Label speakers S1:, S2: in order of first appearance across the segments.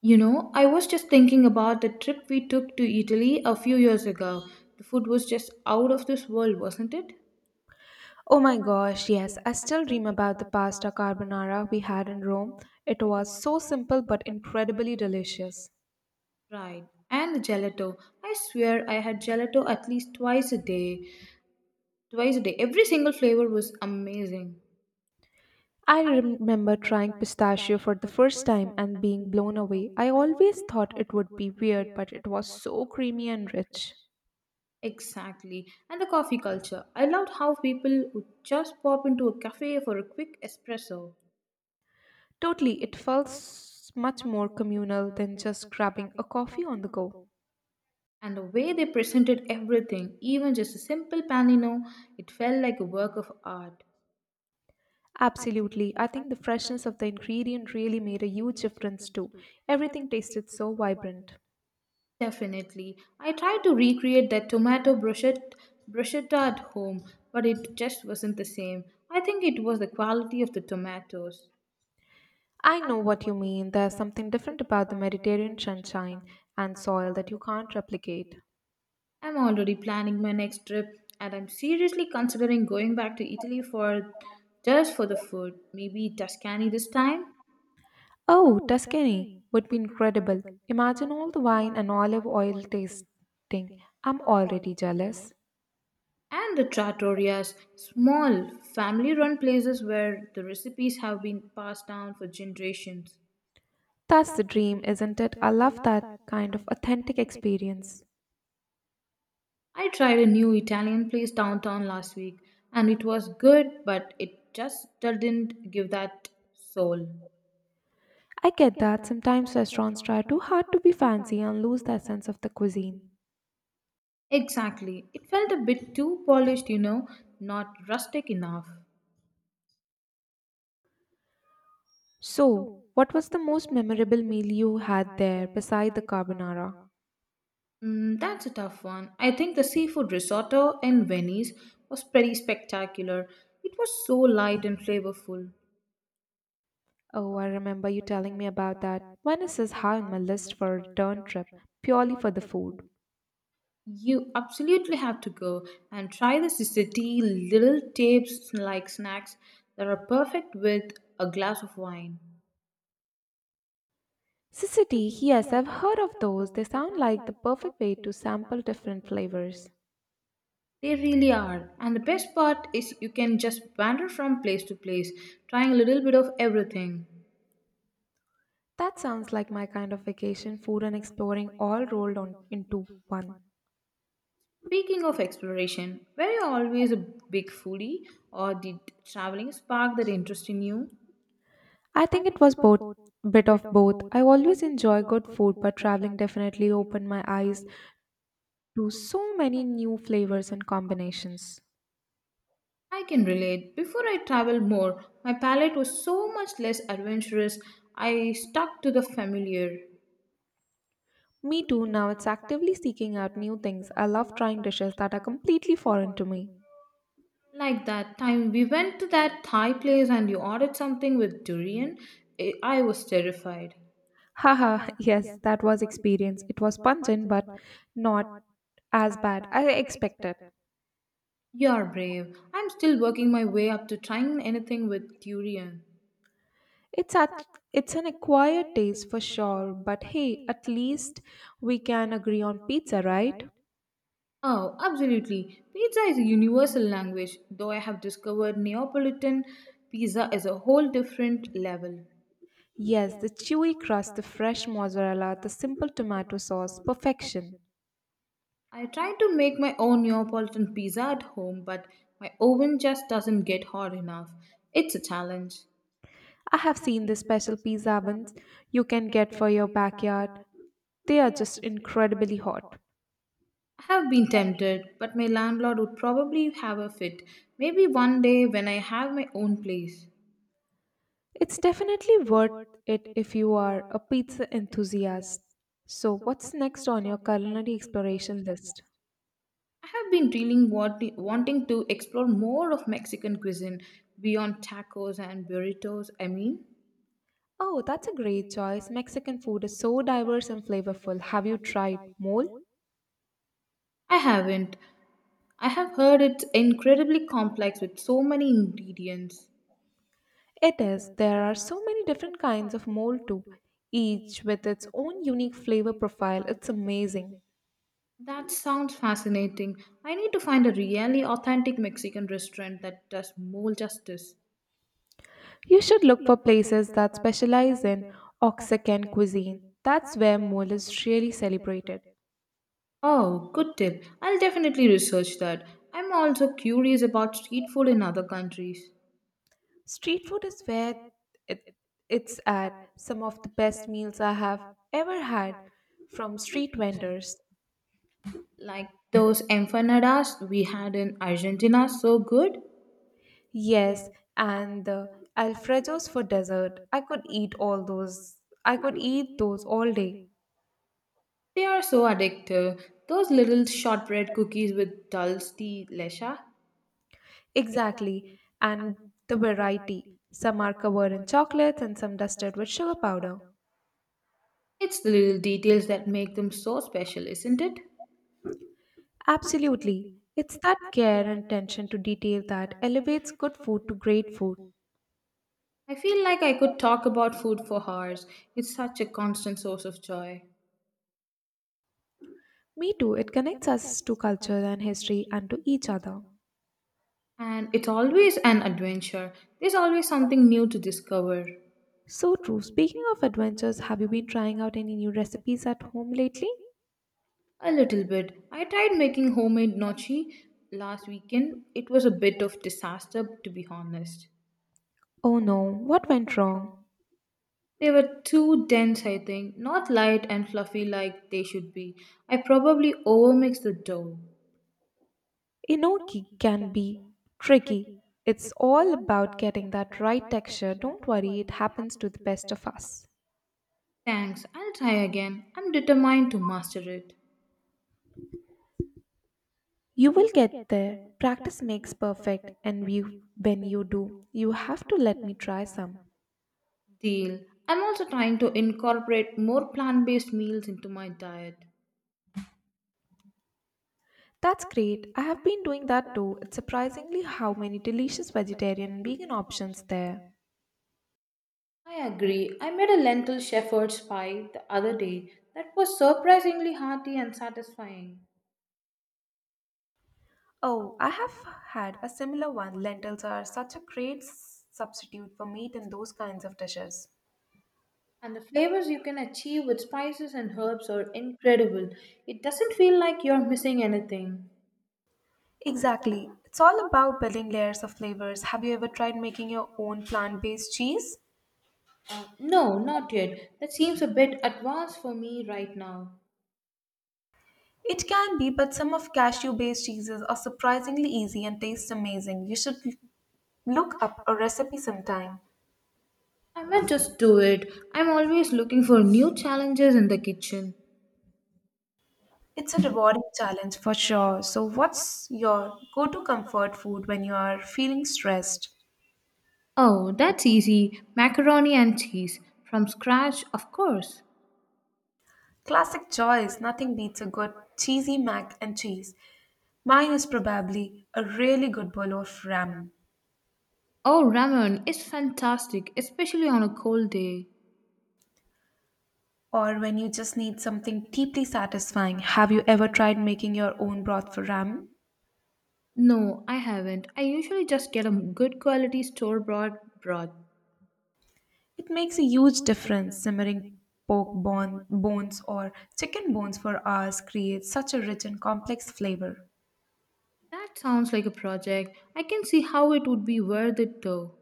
S1: You know, I was just thinking about the trip we took to Italy a few years ago. The food was just out of this world, wasn't it?
S2: Oh my gosh, yes, I still dream about the pasta carbonara we had in Rome. It was so simple but incredibly delicious.
S1: Right. And the gelato. I swear I had gelato at least twice a day. Twice a day. Every single flavor was amazing.
S2: I remember trying pistachio for the first time and being blown away. I always thought it would be weird, but it was so creamy and rich.
S1: Exactly. And the coffee culture. I loved how people would just pop into a cafe for a quick espresso.
S2: Totally, it felt much more communal than just grabbing a coffee on the go.
S1: And the way they presented everything, even just a simple panino, it felt like a work of art.
S2: Absolutely, I think the freshness of the ingredient really made a huge difference too. Everything tasted so vibrant.
S1: Definitely. I tried to recreate that tomato bruschetta at home, but it just wasn't the same. I think it was the quality of the tomatoes.
S2: I know what you mean. There's something different about the Mediterranean sunshine and soil that you can't replicate.
S1: I'm already planning my next trip and I'm seriously considering going back to Italy for just for the food, maybe Tuscany this time.
S2: Oh, Tuscany would be incredible. Imagine all the wine and olive oil tasting. I'm already jealous.
S1: And the trattorias, small family run places where the recipes have been passed down for generations.
S2: That's the dream, isn't it? I love that kind of authentic experience.
S1: I tried a new Italian place downtown last week and it was good, but it just didn't give that soul.
S2: I get that sometimes restaurants try too hard to be fancy and lose their sense of the cuisine.
S1: Exactly. It felt a bit too polished, you know, not rustic enough.
S2: So, what was the most memorable meal you had there beside the carbonara?
S1: Mm, that's a tough one. I think the seafood risotto in Venice was pretty spectacular. It was so light and flavorful.
S2: Oh, I remember you telling me about that. Venice is high on my list for a return trip, purely for the food.
S1: You absolutely have to go and try the city little tapes like snacks that are perfect with a glass of wine.
S2: Sicily, yes, I've heard of those. They sound like the perfect way to sample different flavors.
S1: They really are. And the best part is you can just wander from place to place, trying a little bit of everything.
S2: That sounds like my kind of vacation, food and exploring all rolled on into one.
S1: Speaking of exploration, were you always a big foodie or did traveling spark that interest in you?
S2: I think it was both bit of both. I always enjoy good food, but traveling definitely opened my eyes to so many new flavors and combinations.
S1: I can relate. Before I traveled more, my palate was so much less adventurous. I stuck to the familiar.
S2: Me too, now it's actively seeking out new things. I love trying dishes that are completely foreign to me.
S1: Like that time we went to that Thai place and you ordered something with durian, I was terrified.
S2: Haha, yes, that was experience. It was pungent but not as bad as I expected.
S1: You're brave. I'm still working my way up to trying anything with durian.
S2: It's at it's an acquired taste for sure, but hey, at least we can agree on pizza, right?
S1: Oh, absolutely. Pizza is a universal language, though I have discovered Neapolitan pizza is a whole different level.
S2: Yes, the chewy crust, the fresh mozzarella, the simple tomato sauce, perfection.
S1: I tried to make my own Neapolitan pizza at home, but my oven just doesn't get hot enough. It's a challenge.
S2: I have seen the special pizza ovens you can get for your backyard. They are just incredibly hot.
S1: I have been tempted, but my landlord would probably have a fit. Maybe one day when I have my own place.
S2: It's definitely worth it if you are a pizza enthusiast. So, what's next on your culinary exploration list?
S1: I have been really wanting to explore more of Mexican cuisine beyond tacos and burritos. I mean,
S2: Oh, that's a great choice. Mexican food is so diverse and flavorful. Have you tried mole?
S1: I haven't. I have heard it's incredibly complex with so many ingredients.
S2: It is. There are so many different kinds of mole too, each with its own unique flavor profile. It's amazing.
S1: That sounds fascinating. I need to find a really authentic Mexican restaurant that does more justice.
S2: You should look for places that specialize in Oaxacan cuisine. That's where mole is really celebrated.
S1: Oh, good tip. I'll definitely research that. I'm also curious about street food in other countries.
S2: Street food is it, it's at. Some of the best meals I have ever had from street vendors.
S1: Like those empanadas we had in Argentina, so good.
S2: Yes, and the Alfredos for dessert. I could eat all those. I could eat those all day.
S1: They are so addictive. Those little shortbread cookies with dulce de leche.
S2: Exactly. And the variety. Some are covered in chocolate and some dusted with sugar powder.
S1: It's the little details that make them so special, isn't it?
S2: Absolutely. It's that care and attention to detail that elevates good food to great food.
S1: I feel like I could talk about food for hours. It's such a constant source of joy.
S2: Me too, it connects us to culture and history and to each other.
S1: And it's always an adventure. There's always something new to discover.
S2: So true. Speaking of adventures, have you been trying out any new recipes at home lately?
S1: A little bit. I tried making homemade nochi last weekend. It was a bit of disaster to be honest.
S2: Oh no, what went wrong?
S1: They were too dense, I think, not light and fluffy like they should be. I probably overmixed the dough.
S2: Enoki can be tricky. It's all about getting that right texture. Don't worry, it happens to the best of us.
S1: Thanks, I'll try again. I'm determined to master it.
S2: You will get there. Practice makes perfect, and you, when you do, you have to let me try some.
S1: Deal. I'm also trying to incorporate more plant based meals into my diet.
S2: That's great. I have been doing that too. It's surprisingly how many delicious vegetarian and vegan options there.
S1: I agree. I made a lentil shepherd's pie the other day that was surprisingly hearty and satisfying.
S2: Oh, I have had a similar one. Lentils are such a great substitute for meat in those kinds of dishes.
S1: And the flavors you can achieve with spices and herbs are incredible. It doesn't feel like you're missing anything.
S2: Exactly. It's all about building layers of flavors. Have you ever tried making your own plant based cheese?
S1: No, not yet. That seems a bit advanced for me right now.
S2: It can be, but some of cashew based cheeses are surprisingly easy and taste amazing. You should look up a recipe sometime.
S1: I might just do it. I'm always looking for new challenges in the kitchen.
S2: It's a rewarding challenge for sure. So, what's your go to comfort food when you are feeling stressed?
S1: Oh, that's easy. Macaroni and cheese. From scratch, of course.
S2: Classic choice, nothing beats a good cheesy mac and cheese. Mine is probably a really good bowl of ramen.
S1: Oh, ramen is fantastic, especially on a cold day.
S2: Or when you just need something deeply satisfying, have you ever tried making your own broth for ramen?
S1: No, I haven't. I usually just get a good quality store bought broth.
S2: It makes a huge difference. Simmering bones or chicken bones for hours creates such a rich and complex flavor.
S1: That sounds like a project. I can see how it would be worth it though.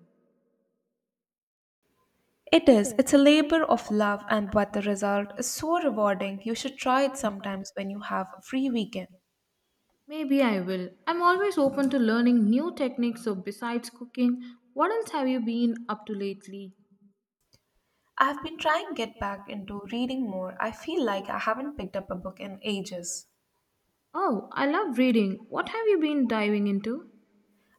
S2: It is. It's a labor of love, and but the result is so rewarding. You should try it sometimes when you have a free weekend.
S1: Maybe I will. I'm always open to learning new techniques, so besides cooking, what else have you been up to lately?
S2: I've been trying to get back into reading more. I feel like I haven't picked up a book in ages.
S1: Oh, I love reading. What have you been diving into?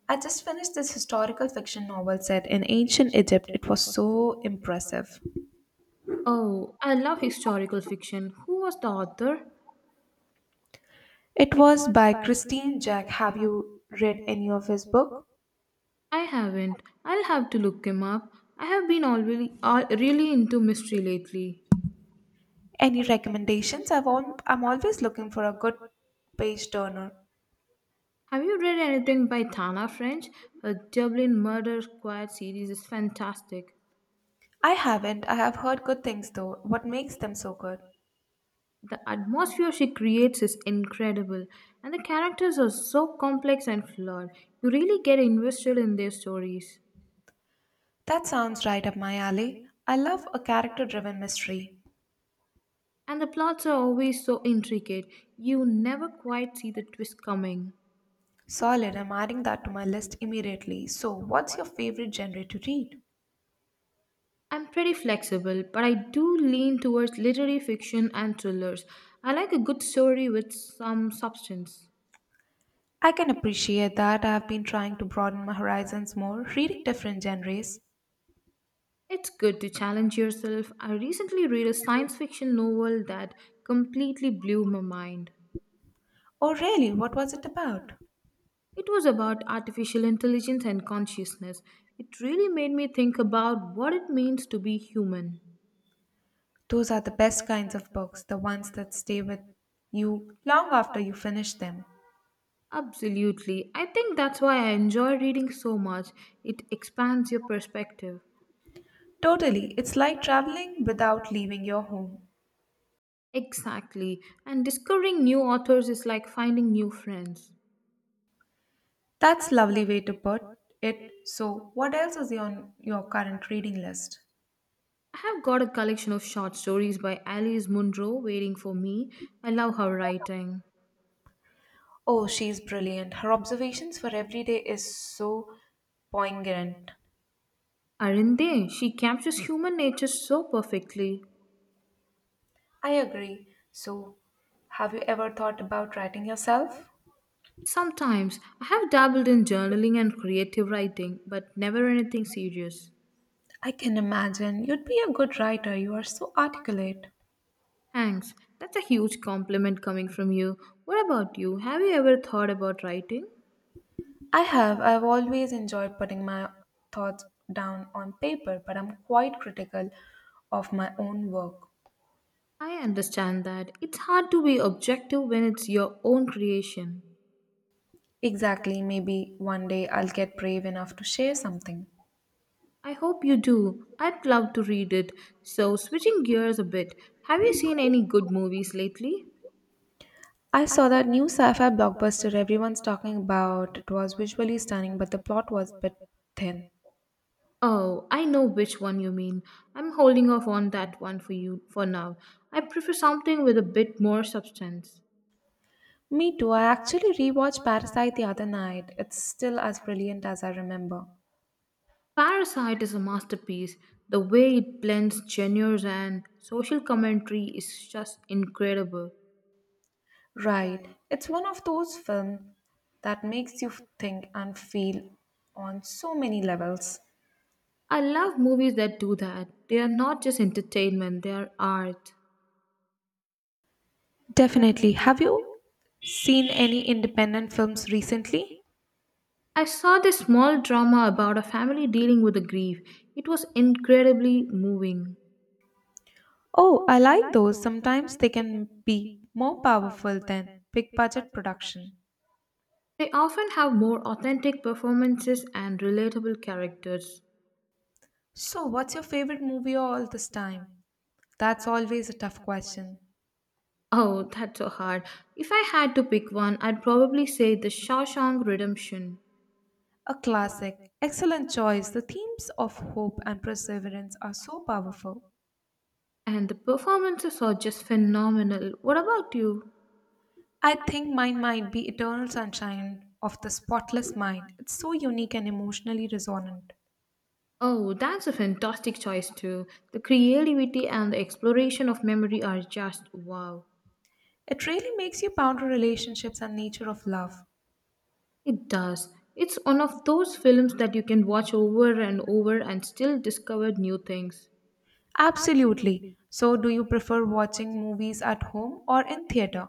S2: I just finished this historical fiction novel set in ancient Egypt. It was so impressive.
S1: Oh, I love historical fiction. Who was the author?
S2: It was by Christine Jack. Have you read any of his book?
S1: I haven't. I'll have to look him up. I have been already really into mystery lately.
S2: Any recommendations? I'm always looking for a good page turner.
S1: Have you read anything by Tana French? Her Dublin Murder Squad series is fantastic.
S2: I haven't. I have heard good things though. What makes them so good?
S1: The atmosphere she creates is incredible, and the characters are so complex and flawed. You really get invested in their stories.
S2: That sounds right up my alley. I love a character driven mystery.
S1: And the plots are always so intricate, you never quite see the twist coming.
S2: Solid. I'm adding that to my list immediately. So, what's your favorite genre to read?
S1: I'm pretty flexible, but I do lean towards literary fiction and thrillers. I like a good story with some substance.
S2: I can appreciate that. I have been trying to broaden my horizons more, reading different genres.
S1: It's good to challenge yourself. I recently read a science fiction novel that completely blew my mind.
S2: Oh, really? What was it about?
S1: It was about artificial intelligence and consciousness. It really made me think about what it means to be human.
S2: Those are the best kinds of books, the ones that stay with you long after you finish them.
S1: Absolutely. I think that's why I enjoy reading so much. It expands your perspective.
S2: Totally. It's like traveling without leaving your home.
S1: Exactly. And discovering new authors is like finding new friends.
S2: That's lovely way to put it. So, what else is on your current reading list?
S1: I have got a collection of short stories by Alice Munro waiting for me. I love her writing.
S2: Oh, she's brilliant. Her observations for every day is so poignant.
S1: Aren't they? She captures human nature so perfectly.
S2: I agree. So, have you ever thought about writing yourself?
S1: Sometimes I have dabbled in journaling and creative writing, but never anything serious.
S2: I can imagine. You'd be a good writer. You are so articulate.
S1: Thanks, that's a huge compliment coming from you. What about you? Have you ever thought about writing?
S2: I have. I've always enjoyed putting my thoughts down on paper, but I'm quite critical of my own work.
S1: I understand that it's hard to be objective when it's your own creation.
S2: Exactly, maybe one day I'll get brave enough to share something.
S1: I hope you do. I'd love to read it. So, switching gears a bit, have you seen any good movies lately?
S2: I saw that new sci fi blockbuster everyone's talking about. It was visually stunning, but the plot was a bit thin.
S1: Oh, I know which one you mean. I'm holding off on that one for you for now. I prefer something with a bit more substance.
S2: Me too, I actually rewatched Parasite the other night. It's still as brilliant as I remember.
S1: Parasite is a masterpiece. The way it blends genres and social commentary is just incredible.
S2: Right, it's one of those films that makes you think and feel on so many levels.
S1: I love movies that do that. They are not just entertainment, they are art.
S2: Definitely. Have you seen any independent films recently?
S1: I saw this small drama about a family dealing with the grief. It was incredibly moving.
S2: Oh, I like those. Sometimes they can be more powerful than big budget production.
S1: They often have more authentic performances and relatable characters.
S2: So, what's your favorite movie all this time? That's always a tough question.
S1: Oh, that's so hard. If I had to pick one, I'd probably say The Shawshank Redemption.
S2: A classic. Excellent choice. The themes of hope and perseverance are so powerful.
S1: And the performances are just phenomenal. What about you?
S2: I think mine might be Eternal Sunshine of the Spotless Mind. It's so unique and emotionally resonant.
S1: Oh, that's a fantastic choice too. The creativity and the exploration of memory are just wow.
S2: It really makes you ponder relationships and nature of love.
S1: It does. It's one of those films that you can watch over and over and still discover new things.
S2: Absolutely. So, do you prefer watching movies at home or in theater?